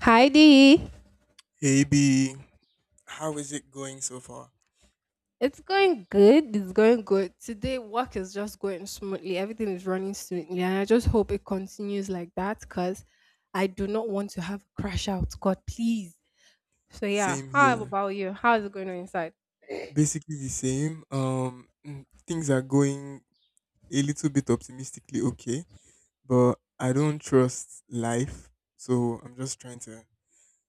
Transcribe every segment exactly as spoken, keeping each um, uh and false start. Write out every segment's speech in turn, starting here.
Hi Dee. Hey B, how is it going so far? It's going good. It's going good. Today work is just going smoothly. Everything is running smoothly. And I just hope it continues like that, because I do not want to have a crash out. God, please. So yeah, Same how here. about you? How is it going on inside? Basically the same. Um, mm, things are going a little bit optimistically okay, but I don't trust life, so I'm just trying to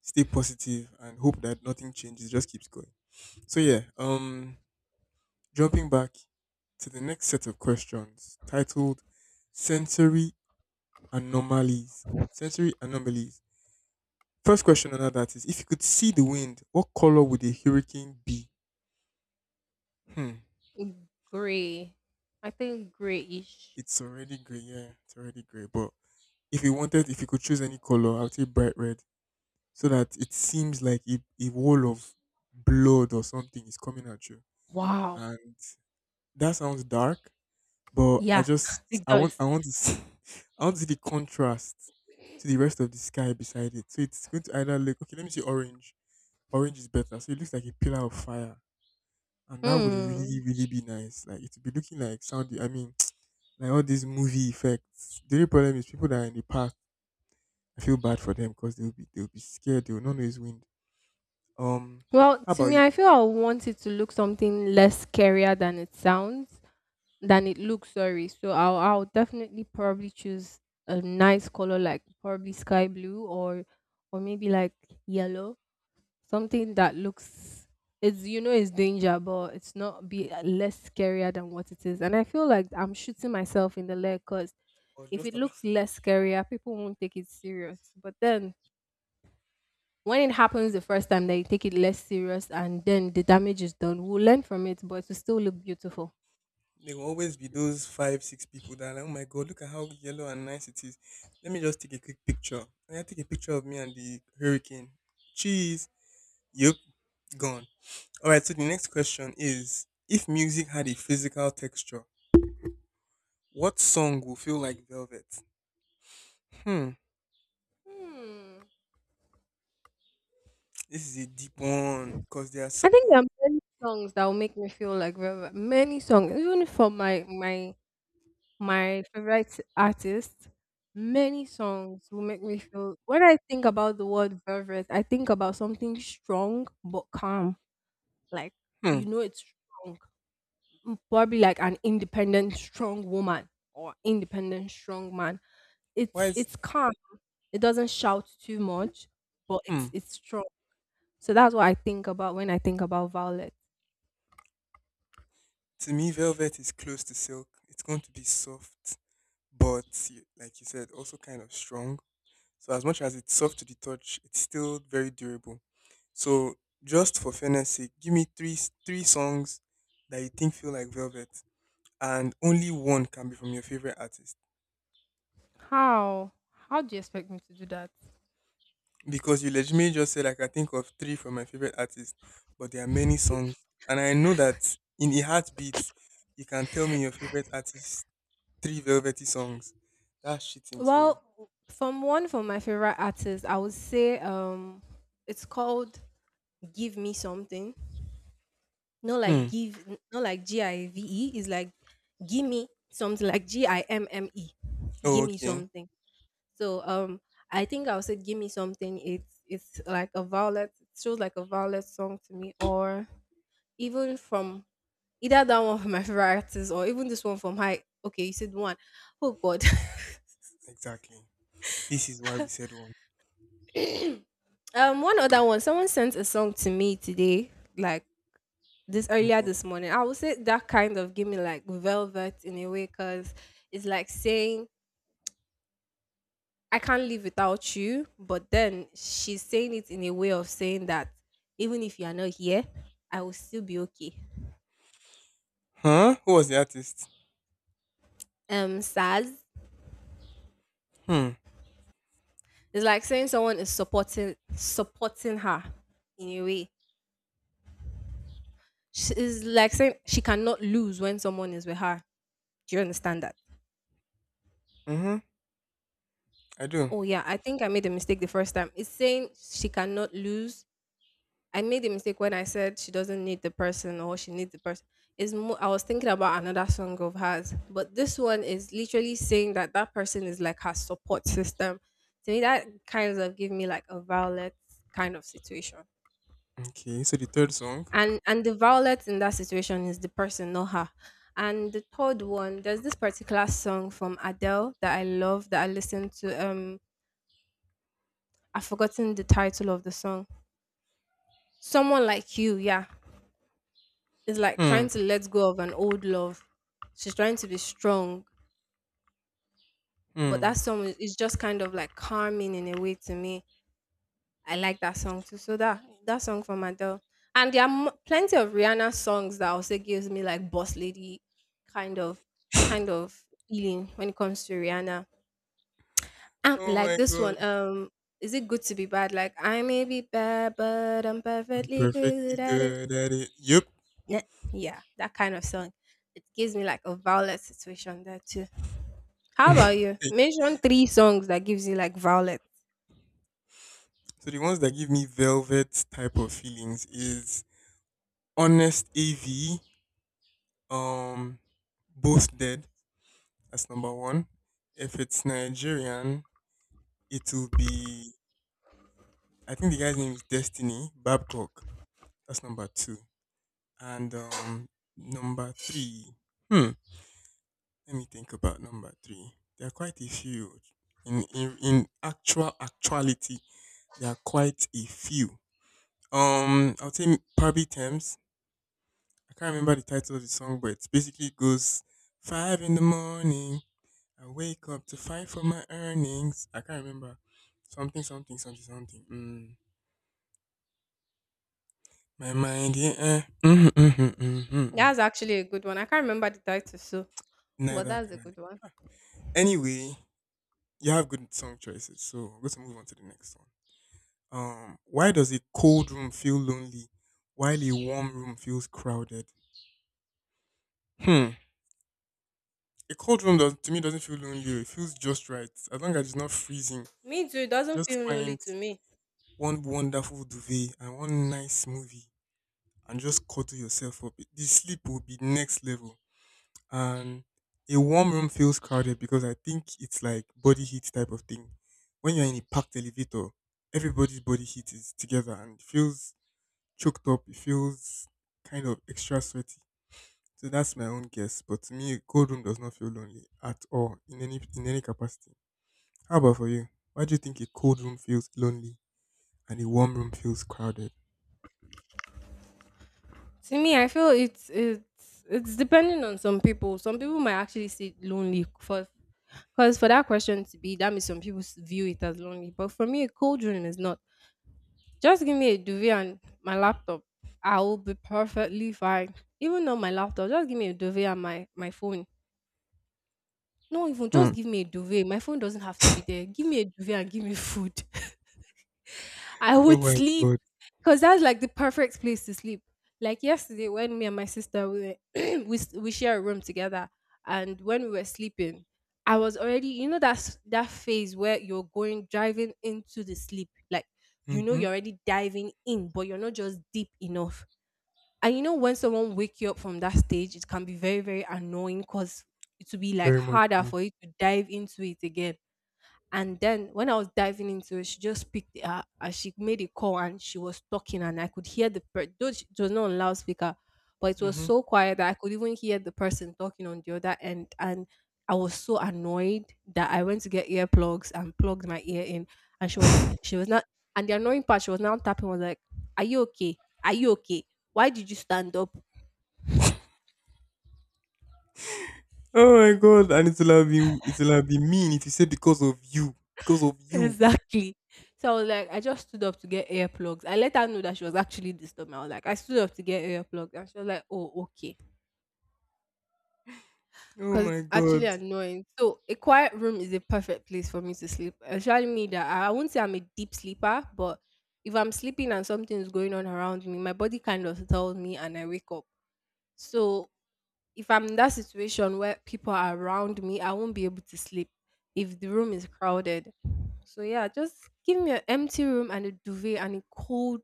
stay positive and hope that nothing changes, just keeps going. So yeah, um, jumping back to the next set of questions titled "Sensory Anomalies." Sensory anomalies. First question under that is if you could see the wind, what color would a hurricane be? Hmm. Gray. I think grayish. It's already grey, yeah. It's already grey. But if you wanted, if you could choose any color, I would say bright red, so that it seems like a, a wall of blood or something is coming at you. Wow. And that sounds dark, but I Yeah, just, it I want does. I want to see I want to see the contrast to the rest of the sky beside it. So it's going to either look okay. Let me see orange. Orange is better. So it looks like a pillar of fire and that would really, Hmm. really be nice. Like it'd be looking like sound. I mean, like all these movie effects. The only problem is people that are in the park. I feel bad for them because they'll be they'll be scared. They will not know it's wind. Um, Well, how to about me, you? I feel I want it to look something less scarier than it sounds. Than it looks, sorry. So i'll, I'll definitely probably choose a nice color, like probably sky blue or or maybe like yellow, something that looks, it's you know it's danger but it's not, be less scarier than what it is. And I feel like I'm shooting myself in the leg, because Or if it just about looks less scarier people won't take it serious. But then when it happens the first time they take it less serious, and then the damage is done, we'll learn from it, but it will still look beautiful. there will always be those five, six people that are like, oh my god, look at how yellow and nice it is. Let me just take a quick picture. And I take a picture of me and the hurricane. Cheese. Yep, gone. All right. So the next question is: If music had a physical texture, what song will feel like velvet? Hmm. Hmm. This is a deep one because there are so- I think there are many songs that will make me feel, like, very many songs, even for my my my favorite artist. Many songs will make me feel. When I think about the word velvet, I think about something strong but calm. Like, hmm. you know, it's strong. Probably like an independent, strong woman or independent, strong man. Why It's is? it's calm. It doesn't shout too much, but Hmm? it's it's strong. So that's what I think about when I think about Violet. To me, velvet is close to silk. It's going to be soft, but y- like you said, also kind of strong. So as much as it's soft to the touch, it's still very durable. So just for fairness' sake, give me three s- three songs that you think feel like velvet, and only one can be from your favorite artist. How? How do you expect me to do that? Because you legitimately just said like, I can think of three from my favorite artists, but there are many songs, and I know that in a heartbeat, you can tell me your favorite artist three velvety songs. That's cheating. So, Well, from one from my favorite artists, I would say um it's called Give Me Something. No, like hmm. give n- not like G I V E, it's like gimme something like G I M M E. Oh, Gimme okay. something. So um I think I would say Gimme Something. It's it's like a violet, it feels like a violet song to me, or even from either that one from my favorite artist or even this one from High. Okay, you said one. Oh god. Exactly. This is why we said one. Um, one other one. Someone sent a song to me today, like this earlier Okay. this morning. I would say that kind of gave me like velvet in a way, because it's like saying I can't live without you, but then she's saying it in a way of saying that even if you are not here, I will still be okay. Huh? Who was the artist? Um, Saz. Hmm. It's like saying someone is supporting supporting her in a way. She is like saying she cannot lose when someone is with her. Do you understand that? Mm-hmm. I do. Oh yeah, I think I made a mistake the first time. It's saying she cannot lose. I made a mistake when I said she doesn't need the person or she needs the person. It's more, I was thinking about another song of hers, but this one is literally saying that that person is like her support system. To me, that kind of gave me like a violet kind of situation, Okay. So the third song. and and the violet in that situation is the person, not her. And the third one, there's this particular song from Adele that I love that I listened to. Um, I've forgotten the title of the song. Someone like you, yeah, is like Hmm. trying to let go of an old love. She's trying to be strong, but that Hmm. song is is just kind of like calming in a way to me. I like that song too. So that that song from Adele, and there are m- plenty of Rihanna songs that also gives me like boss lady kind of kind of feeling when it comes to Rihanna. And Oh like my this one, god. um, is it good to be bad? Like I may be bad, but I'm I'm perfectly perfectly good at it. good at it. Yep. Yeah, yeah, that kind of song. It gives me like a violet situation there too. How about you? Mention three songs that gives you like violet. So the ones that give me velvet type of feelings is Honest A V, um, both dead. That's number one. If it's Nigerian, it'll be I think the guy's name is Destiny Babcock. That's number two. And um, number three. Hmm. Let me think about number three. There are quite a few. In in, in actual actuality, there are quite a few. Um, I'll say probably Thames. I can't remember the title of the song, but it basically goes five in the morning. I wake up to fight for my earnings. I can't remember. Something, something, something, something. Mm. My mind, yeah. Eh. Mhm, mhm, mhm, mhm. That's actually a good one. I can't remember the title, so but Neither that's a can good one. I. Ah. Anyway, you have good song choices, so let's move on to the next one. Um, why does a cold room feel lonely while a warm room feels crowded? Hmm. A cold room does, to me doesn't feel lonely. It feels just right. As long as it's not freezing, Me too. It doesn't just feel lonely find to me. one wonderful duvet and one nice movie and just cuddle yourself up. The sleep will be next level. And a warm room feels crowded because I think it's like body heat type of thing. When you're in a packed elevator, everybody's body heat is together and it feels choked up. It feels kind of extra sweaty. So that's my own guess. But to me, a cold room does not feel lonely at all in any in any capacity. How about for you? Why do you think a cold room feels lonely and a warm room feels crowded? To me, I feel it's it's it's depending on some people. Some people might actually see it lonely for, because for that question to be, that means some people s- view it as lonely. But for me, a cold dream is not. Just give me a duvet and my laptop. I will be perfectly fine. Even on my laptop, just give me a duvet and my, my phone. No, even Hmm. just give me a duvet. My phone doesn't have to be there. Give me a duvet and give me food. I Oh would my sleep, god. because that's like the perfect place to sleep. Like yesterday, when me and my sister we were, we s- we share a room together, and when we were sleeping, I was already, you know that s- that phase where you're going driving into the sleep, like you know Mm-hmm. you're already diving in, but you're not just deep enough. And you know when someone wake you up from that stage, it can be very very annoying, because it will be like Very much harder so. for you to dive into it again. And then when I was diving into it, she just picked her and she made a call and she was talking and I could hear the per though she it was not on loudspeaker, but it was Mm-hmm. so quiet that I could even hear the person talking on the other end. And I was so annoyed that I went to get earplugs and plugged my ear in. And she was she was not, and the annoying part, she was now tapping, was like, "Are you okay? Are you okay? Why did you stand up?" Oh my god! And it will have been it will have been mean if you say because of you, because of you. Exactly. So I was like, I just stood up to get earplugs. I let her know that she was actually disturbing. I was like, I stood up to get earplugs. And she was like, oh, okay. Oh Because my it's actually god, annoying. So a quiet room is a perfect place for me to sleep. Especially me, that I I won't say I'm a deep sleeper, but if I'm sleeping and something is going on around me, my body kind of tells me and I wake up. So if I'm in that situation where people are around me, I won't be able to sleep if the room is crowded. So yeah, just give me an empty room and a duvet and a cold,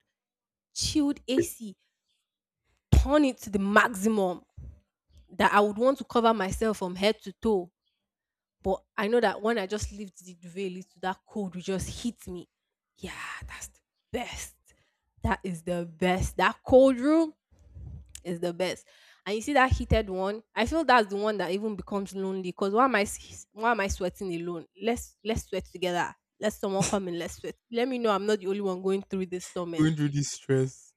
chilled A C. Turn it to the maximum, that I would want to cover myself from head to toe. But I know that when I just lift the duvet, leads to that cold will just hit me. Yeah, that's the best. That is the best. That cold room is the best. And you see that heated one, I feel that's the one that even becomes lonely. Because why am I s- why am I sweating alone? Let's let's sweat together. Let someone come and let's sweat. Let me know I'm not the only one going through this torment. going through this stress.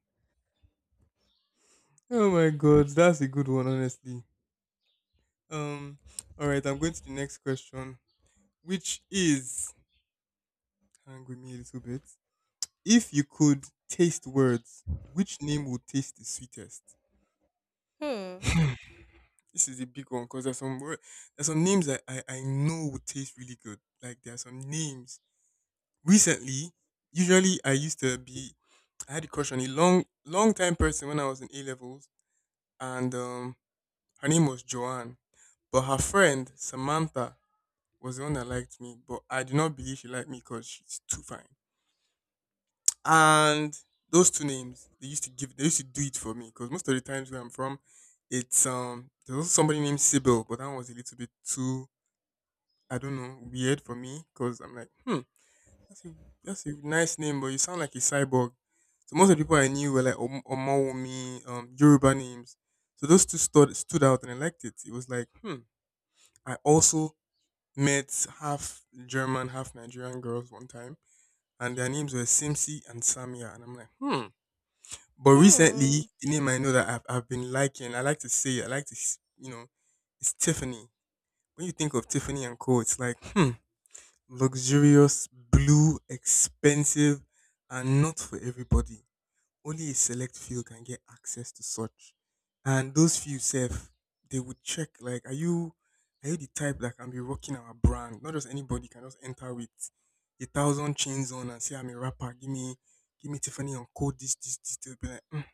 Oh my god, that's a good one, honestly. Um, all right, I'm going to the next question, which is hang with me a little bit. If you could taste words, which name would taste the sweetest? Hmm. Hmm, this is a big one because there's some word, there's some names that I I know would taste really good. Like there are some names recently, usually I used to be, I had a crush on a long, long time person when I was in A levels, and um, her name was Joanne. But her friend Samantha was the one that liked me, but I do not believe she liked me because she's too fine. And those two names, they used to give, they used to do it for me because most of the times where I'm from, it's um, there's also somebody named Sybil, but that one was a little bit too, I don't know, weird for me because I'm like, hmm. That's a that's a nice name, but you sound like a cyborg. So most of the people I knew were like Om- Omowumi, um, Yoruba names. So those two stood stood out, and I liked it. It was like, hmm. I also met half German, half Nigerian girls one time, and their names were Simsi and Samia, and I'm like, hmm. But recently, Hmm. the name I know that I've, I've been liking, I like to say, I like to, s- you know, it's Tiffany. When you think of Tiffany and Co, it's like, hmm luxurious, blue, expensive, and not for everybody. Only a select few can get access to such. And those few self, they would check like, are you are you the type that can be rocking our brand? Not just anybody can just enter with a thousand chains on and say I'm a rapper. Give me give me Tiffany and Co. This this this. They'll be like, "Mm,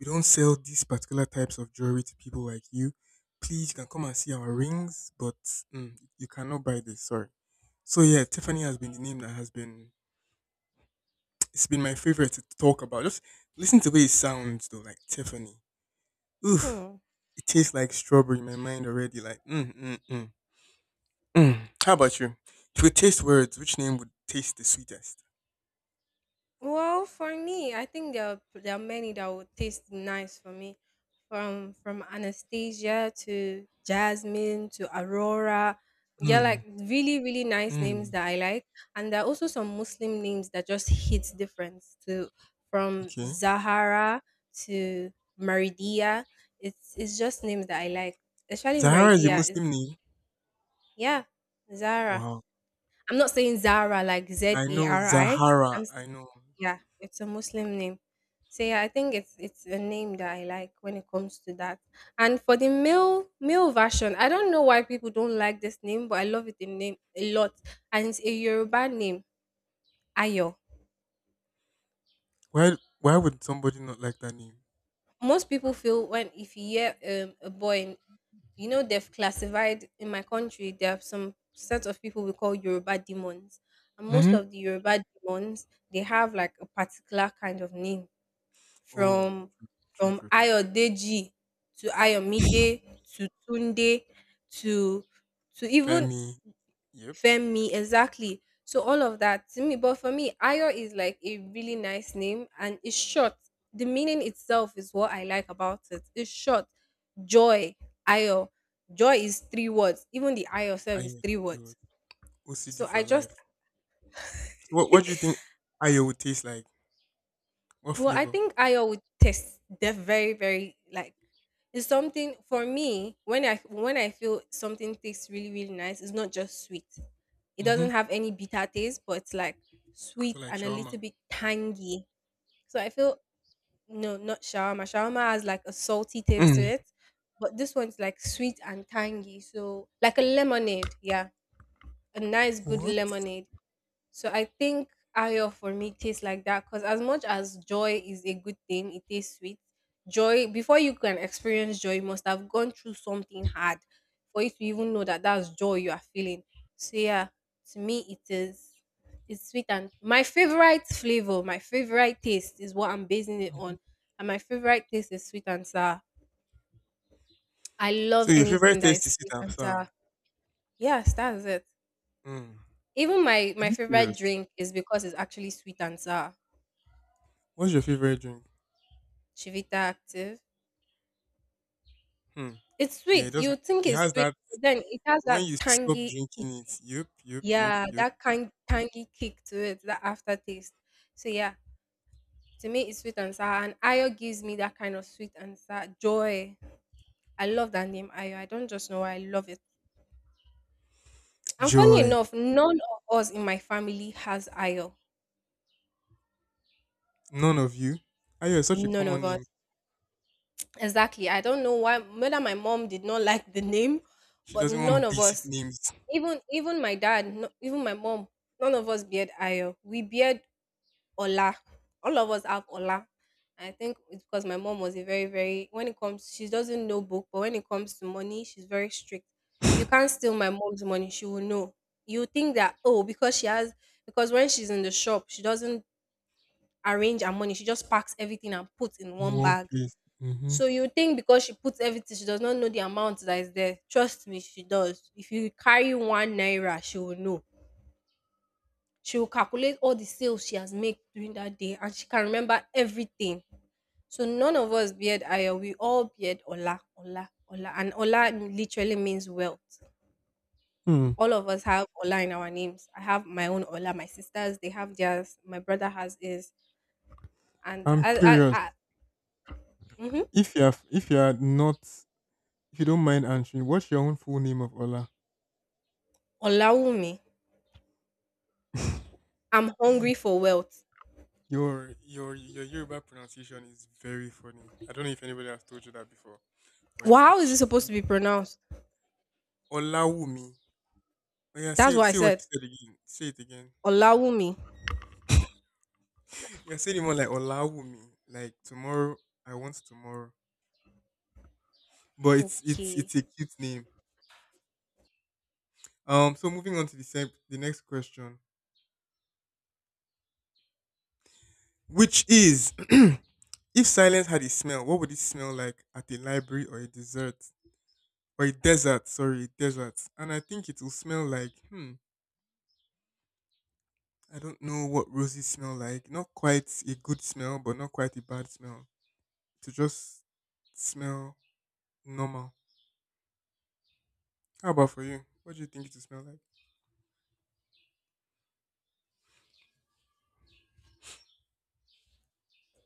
we don't sell these particular types of jewelry to people like you. Please, you can come and see our rings, but mm, you cannot buy this. Sorry. So yeah, Tiffany has been the name that has been it's been my favorite to talk about. Just listen to the way it sounds though, like Tiffany. Oof, Hmm. it tastes like strawberry in my mind already. Like mm mm mm mm. How about you? If we taste words, which name would taste the sweetest? Well, for me, I think there are, there are many that would taste nice for me, from from Anastasia to Jasmine to Aurora. They're like Mm really really nice names mm. that I like, and there are also some Muslim names that just hits different. To From Okay. Zahara to Maridia, it's it's just names that I like, especially Zahara is a Maridia. Muslim It's name. Yeah, Zara. Wow. I'm not saying Zara like Z I A know R I. Zahara. I'm s- I know. yeah, it's a Muslim name. So yeah, I think it's it's a name that I like when it comes to that. And for the male male version, I don't know why people don't like this name, but I love it, the name a lot. And it's a Yoruba name, Ayo. Why? Why would somebody not like that name? Most people feel, when if you hear um, a boy, in- you know they've classified in my country. There are some set of people we call Yoruba demons, and most Mm-hmm. of the Yoruba demons, they have like a particular kind of name. Oh, From true, from true, true. Ayodeji to Ayomide to Tunde to to even Femi. Yep. Femi exactly. So all of that to me, but for me, Ayo is like a really nice name and it's short. The meaning itself is what I like about it. It's short. Joy, Ayo. Joy is three words. Even the Ayo I self is yes. three You words. O C D So for I just life. What What do you think Ayo would taste like? What Well, I flavor? think I O would test the very, very like, it's something, for me when I when I feel something tastes really, really nice, it's not just sweet. It Mm-hmm. doesn't have any bitter taste, but it's like sweet So like and a shawarma. little bit tangy. So I feel, no, not shawarma. Shawarma has like a salty taste to Mm. it, but this one's like sweet and tangy. So like a lemonade, yeah. A nice good What? lemonade. So I think Ayo for me tastes like that, because as much as joy is a good thing, it tastes sweet. Joy before you can experience joy, you must have gone through something hard for you to even know that that's joy you are feeling. So yeah, to me it is it's sweet and my favorite flavor, my favorite taste is what I'm basing it on, Mhm. and my favorite taste is sweet and sour. I So love your anything favorite that taste is is sweet sweet and and sour. sour. Yes, that's it. Mm. Even my Are my you favorite serious? drink is because it's actually sweet and sour. What's your favorite drink? Chivita Active. Hmm. It's Yeah, sweet. it does. You ha- think It it's has sweet, that. but then it has When that you stop tangy kick. drinking it, yup, yup, yup, Yeah, yup. that kind tangy kick to it, that aftertaste. So yeah, to me it's sweet and sour. And Ayo gives me that kind of sweet and sour joy. I love that name Ayo. I don't just know why I love it. And funny Joy. enough, none of us in my family has Ayo. None of you. Ayo is such a None of common name. us. Exactly. I don't know why whether my mom did not like the name, She but doesn't none want of basic us. names Even even my dad, no, even my mom, none of us beard Ayo. We beard Ola. All of us have Ola. I think it's because my mom was a very, very, when it comes, she doesn't know book, but when it comes to money, she's very strict. You can't steal my mom's money, she will know. You think that, oh, because she has, because when she's in the shop, she doesn't arrange her money, she just packs everything and puts in in one one bag. place. Mm-hmm. So you think because she puts everything, she does not know the amount that is there. Trust me, she does. If you carry one naira, she will know. She will calculate all the sales she has made during that day and she can remember everything. So none of us beard Ayo. We all beard Ola, Ola, Ola. And Ola literally means wealth. Hmm. All of us have Ola in our names. I have my own Ola. My sisters, they have theirs. My brother has his. And I'm I, I, curious. I Mm-hmm. If you are, if you are not, if you don't mind answering, what's your own full name of Ola? Olaumi. I'm hungry for wealth. Your your your Yoruba pronunciation is very funny. I don't know if anybody has told you that before, but Well, it's how is it supposed extremely to be pronounced? funny. Olawumi. Oh yeah, That's say what I say what you said. said again. Say it again. Olawumi. You're saying it more like Olawumi. Like tomorrow, I want tomorrow. But it's it's Okay. it's a cute name. Um. So moving on to the same the next question, which is, if silence had a smell, what would it smell like at a library or a dessert or a desert? Sorry, desert. And I think it will smell like hmm. I don't know what roses smell like. Not quite a good smell, but not quite a bad smell. To just smell normal. How about for you? What do you think it will smell like?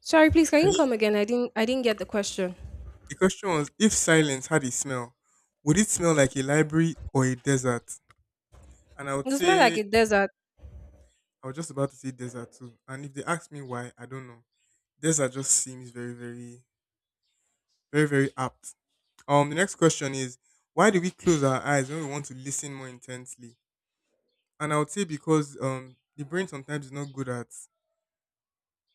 Sorry, please can Can you you- come again? I didn't I didn't get the question. The question was if silence had a smell, would it smell like a library or a desert? And I would You smell like say a desert. I was just about to say desert too. And if they ask me why, I don't know. Desert just seems very, very, very, very apt. Um, the next question is why do we close our eyes when we want to listen more intensely? And I would say because um the brain sometimes is not good at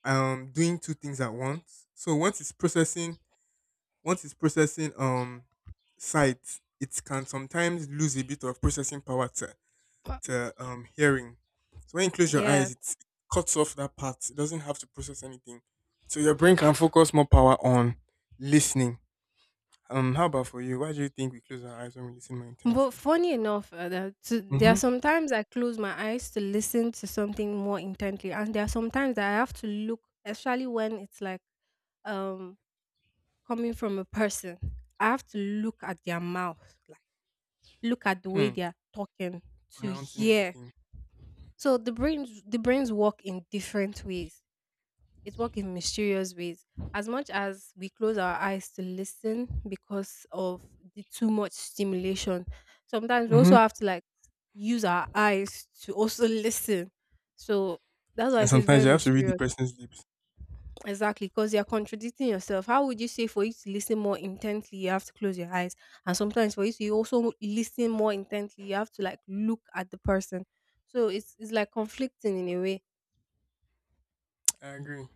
um doing two things at once. So once it's processing, once it's processing um sight, it can sometimes lose a bit of processing power to But to um hearing. So when you close your eyes, yes, it cuts off that part. It doesn't have to process anything, so your brain can focus more power on listening. Um, how about for you? Why do you think we close our eyes when we listen more but intensely? funny enough, uh, the- to, there are Mm-hmm. sometimes I close my eyes to listen to something more intently, and there are sometimes that I have to look, especially when it's like um coming from a person. I have to look at their mouth, like look at the way Hmm. they are talking, to Pronouncing hear. everything. So the brains, the brains work in different ways. It works in mysterious ways. As much as we close our eyes to listen because of the too much stimulation, sometimes we Mm-hmm. also have to like use our eyes to also listen. So that's why I And say it's sometimes very you have to read the mysterious. person's lips. Exactly, because you're contradicting yourself. How would you say for you to listen more intently, you have to close your eyes? And sometimes for you to also listen more intently, you have to like look at the person. So it's it's like conflicting in a way. I agree.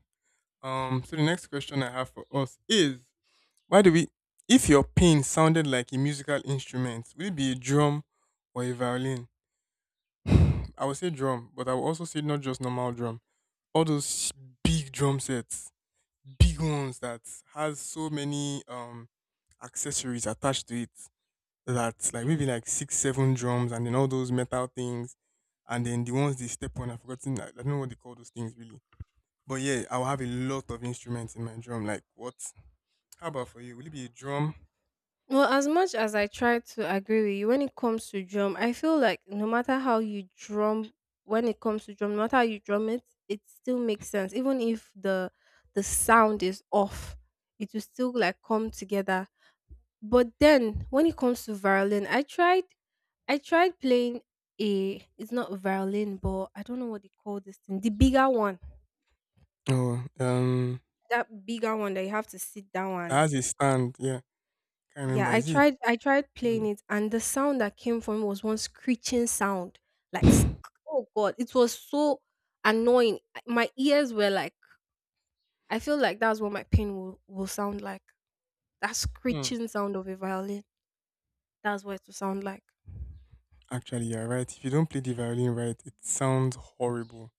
Um, so the next question I have for us is why do we if your pain sounded like a musical instrument, would it be a drum or a violin? I would say drum, but I would also say not just normal drum. All those big drum sets, big ones that has so many um accessories attached to it that like maybe like six, seven drums and then all those metal things and then the ones they step on, I've forgotten I, I don't know what they call those things really. But yeah, I'll have a lot of instruments in my drum. Like what? How about for you? Will it be a drum? Well, as much as I try to agree with you, when it comes to drum, I feel like no matter how you drum, when it comes to drum, no matter how you drum it, it still makes sense. Even if the the sound is off, it will still like come together. But then when it comes to violin, I tried I tried playing a it's not a violin, but I don't know what they call this thing. The bigger one. Oh, um, That bigger one that you have to sit it down. has a stand. Yeah, can't Yeah, remember. I Is it? tried I tried No. playing it and the sound that came from it was one screeching sound. Like sk- oh god, it was so annoying. I- My ears were like, I feel like that's what my pain will, will sound like. That Hmm. screeching sound of a violin. That's what it will sound like. Actually, you're right. If you don't play the violin right, it sounds horrible.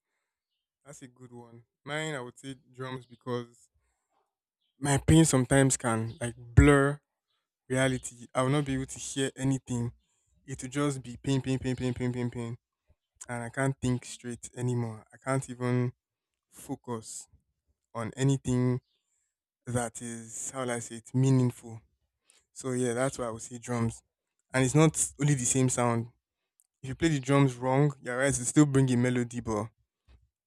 That's a good one. Mine, I would say drums because my pain sometimes can like blur reality. I will not be able to hear anything. It will just be pain, pain, pain, pain, pain, pain, pain, and I can't think straight anymore. I can't even focus on anything that is how will I say it meaningful. So yeah, that's why I would say drums. And it's not only the same sound. If you play the drums wrong, you're right, it still bring a melody, but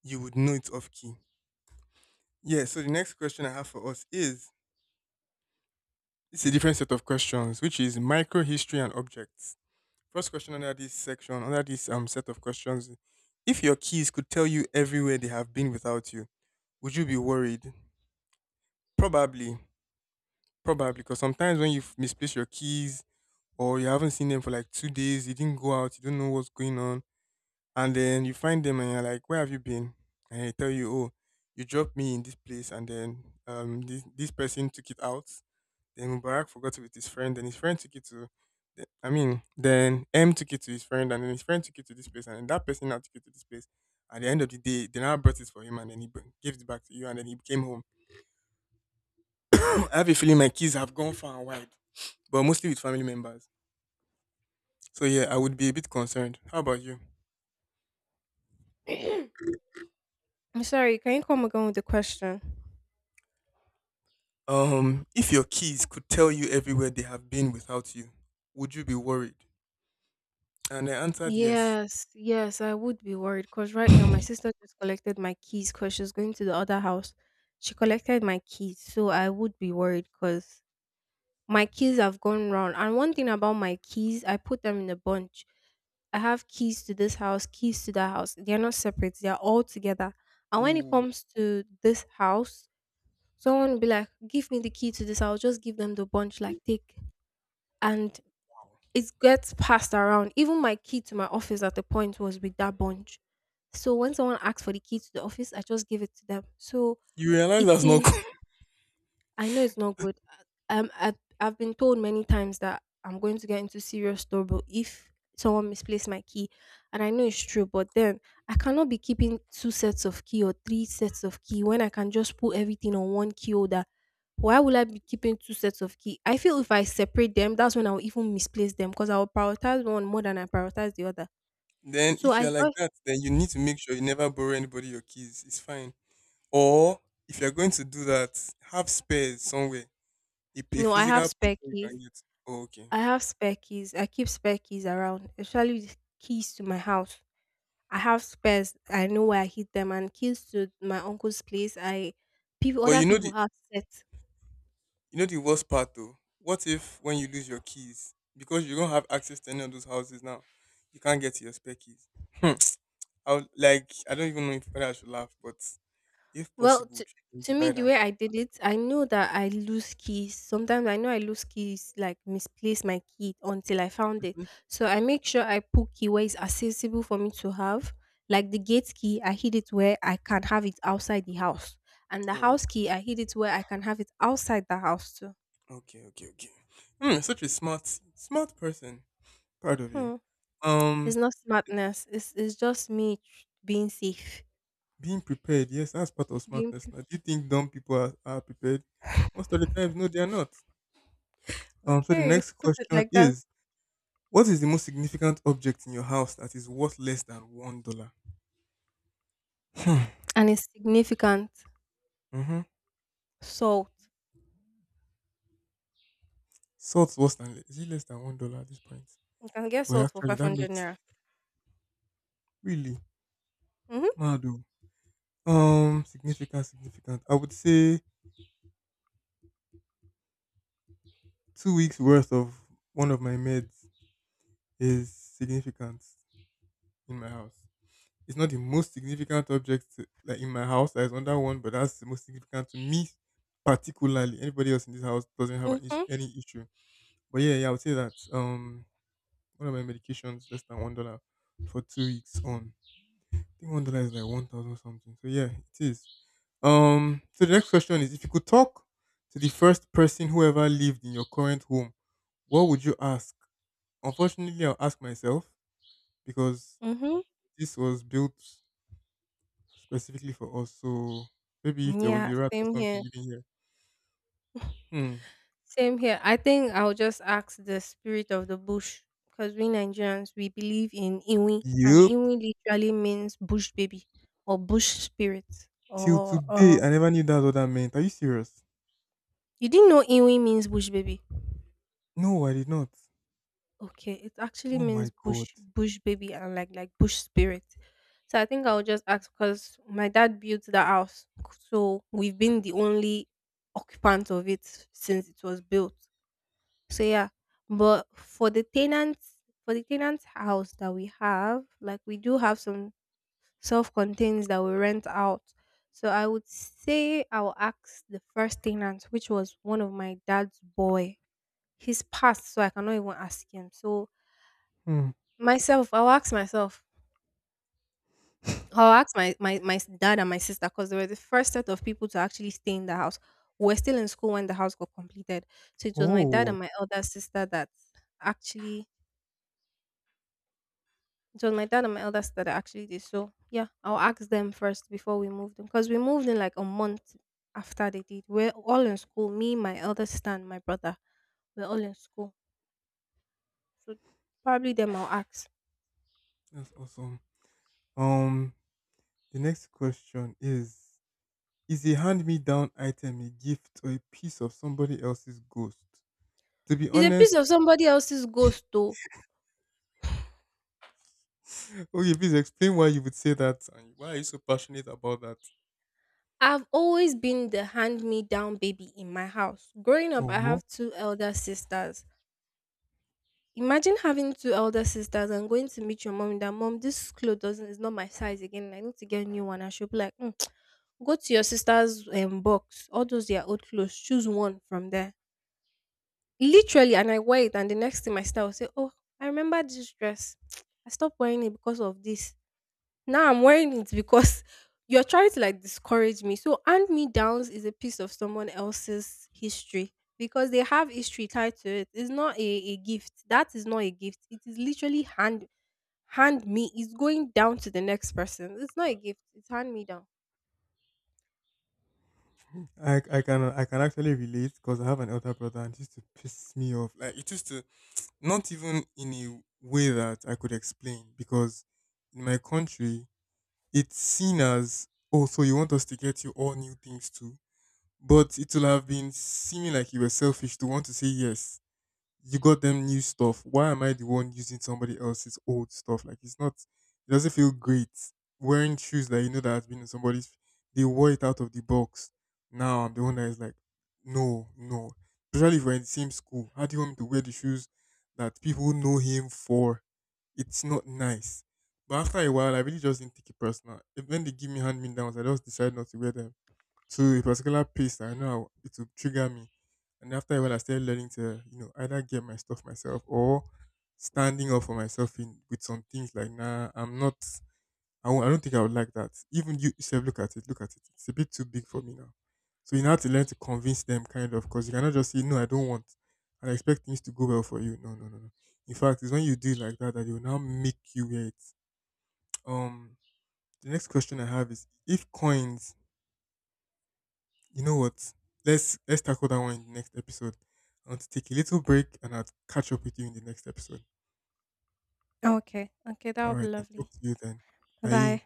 you would know it's off key. Yeah, so the next question I have for us is it's a different set of questions, which is micro history and objects. First question under this section, under this um set of questions, if your keys could tell you everywhere they have been without you, would you be worried? Probably, probably, because sometimes when you f- misplace your keys, or you haven't seen them for like two days, you didn't go out, you don't know what's going on, and then you find them and you're like, where have you been? And they tell you, oh, you dropped me in this place, and then um this, this person took it out. Then Mubarak forgot it with his friend, and his friend took it to the- I mean, then M took it to his friend, and then his friend took it to this place, and then that person now took it to this place. At the end of the day, they now brought it for him, and then he b- gave it back to you, and then he came home. I have a feeling my kids have gone far and wide, but mostly with family members. So yeah, I would be a bit concerned. How about you? I'm sorry, can you come again with the question? Um, if your keys could tell you everywhere they have been without you, would you be worried? And I answered yes. Yes, yes, I would be worried because right now my sister just collected my keys because she's going to the other house. She collected my keys, so I would be worried because my keys have gone round. And one thing about my keys, I put them in a bunch. I have keys to this house, keys to that house. They're not separate, they're all together. And when it Ooh, comes to this house, someone will be like, "Give me the key to this." I'll just give them the bunch, like, take. And it gets passed around. Even my key to my office at the point was with that bunch. So when someone asks for the key to the office, I just give it to them. So you realize it that's not is. cool. I know it's not good. I- Um, I've, I've been told many times that I'm going to get into serious trouble if someone misplaced my key. And I know it's true, but then I cannot be keeping two sets of key or three sets of key when I can just put everything on one key holder. Why would I be keeping two sets of key? I feel if I separate them, that's when I'll even misplace them because I'll prioritize one more than I prioritize the other. Then So if I you're like just, that, then you need to make sure you never borrow anybody your keys. It's fine. Or if you're going to do that, have spares somewhere. A, a no, I physical have place spare where you keys. can get. Oh, okay. I have spare keys. I keep spare keys around, especially the keys to my house. I have spares. I know where I hid them. And keys to my uncle's place, I, people, But other you know people the— have set. you know the worst part though? What if when you lose your keys, because you don't have access to any of those houses now, you can't get to your spare keys? Hmm. I would, like I don't even know if whether I should laugh, but if Well, possible, to, try and to me, divide the and way conquer. I did it, I know that I lose keys. Sometimes I know I lose keys, like misplace my key until I found it. Mhm. So I make sure I put key where it's accessible for me to have. Like the gate key, I hid it where I can have it outside the house. And the Oh, house okay, key, I hid it where I can have it outside the house too. okay, okay, okay. Hmm, such a smart, smart person. Proud of you. Hmm. Um, It's not smartness. It's it's just me being safe. being prepared, yes, that's part of being smartness. pe- Now, do you think dumb people are, are prepared? Most of the times, no, they are not. Um, so the okay, next put it question like that, is, what is the most significant object in your house that is worth less than one dollar? Hmm, and it's significant. mm-hmm. Salt, Salt's worse than is it less than one dollar at this point? you can get But salt for actually, five that hundred makes naira. really Mm-hmm, mad. Oh. Um, significant, significant. I would say two weeks worth of one of my meds is significant in my house. It's not the most significant object to- like in my house that is under one, but that's the most significant to me particularly. Anybody else in this house doesn't have an issue, mm-hmm, any issue. But yeah, yeah, I would say that. Um, one of my medications less than one dollar for two weeks on. I think one dollar is like one thousand something. So yeah, it is. Um. So the next question is: if you could talk to the first person who ever lived in your current home, what would you ask? Unfortunately, I'll ask myself because mm-hmm. this was built specifically for us. So maybe if there was Yeah, a rat or same something here, living here. Hmm. same here. I think I'll just ask the spirit of the bush because we Nigerians, we believe in iwi, and Yup. iwi literally means bush baby or bush spirit Till or, today, uh, I never knew that's what that meant. Are you serious? you didn't know iwi means bush baby? No, I did not. Okay, it actually Oh my means god. bush bush baby, and like like bush spirit. So I think I'll just ask, because my dad built the house. So we've been the only occupant of it since it was built. So yeah. But for the tenants for the tenants house that we have, like we do have some self contains that we rent out. So I would say I'll ask the first tenant, which was one of my dad's boy. He's passed, so I cannot even ask him. So Hmm. myself, I'll ask myself. I'll ask my, my, my s- dad and my sister, because they were the first set of people to actually stay in the house. We were still in school when the house got completed. So it was my dad Oh. and my elder sister that actually, it was my dad and my elder sister that actually did. So yeah, I'll ask them first, before we moved in, because we moved in like a month after they did. We're all in school. Me, my elder sister, and my brother. We're all in school. So probably them I'll ask. That's awesome. Um, the next question is: is a hand-me-down item a gift or a piece of somebody else's ghost? To be It's a piece honest, of somebody else's ghost, though. okay, please explain why you would say that and why are you so passionate about that? I've always been the hand me down baby in my house. Growing up, Oh I no. have two elder sisters. Imagine having two elder sisters and going to meet your mom and that mom, this clothes doesn't, is not my size again. I need to get a new one. And she'll be like, "Mm, go to your sister's um, box. All those their old clothes. Choose one from there." Literally, and I wear it, and the next thing my sister will say, "Oh, I remember this dress. I stopped wearing it because of this. Now I'm wearing it because you're trying to like discourage me." So hand me downs is a piece of someone else's history, because they have history tied to it. It's not a, a gift. That is not a gift. It is literally hand hand me. It's going down to the next person. It's not a gift. It's hand me down. I I can I can actually relate because I have an elder brother and it used to piss me off. Like it used to not even in a way that I could explain because in my country it's seen as oh so you want us to get you all new things too. But it will have been seeming like you were selfish to want to say yes. You got them new stuff. Why am I the one using somebody else's old stuff? Like it's not. It doesn't feel great wearing shoes that you know that has been in somebody's. They wore it out of the box. Now I'm the one that is like, no, no. Especially if we're in the same school. How do you want me to wear the shoes that people know him for? It's not nice. But after a while, I really just didn't take it personal. If when they give me hand me downs, I just decide not to wear them to a particular pace that I know it will trigger me. And after a while, I started learning to, you know, either get my stuff myself or standing up for myself in with some things like, nah, I'm not, I, won't- I don't think I would like that. Even you yourself, look at it, look at it. It's a bit too big for me now. So you now have to learn to convince them, kind of, because you cannot just say, no, I don't want. And expect things to go well for you. No, no, no, no. In fact, it's when you do it like that that they will now make you wait. Um, the next question I have is if coins— you know what? Let's let's tackle that one in the next episode. I want to take a little break and I'll catch up with you in the next episode. Okay. Okay, that All would be right, then talk lovely. to you then. Bye. Bye.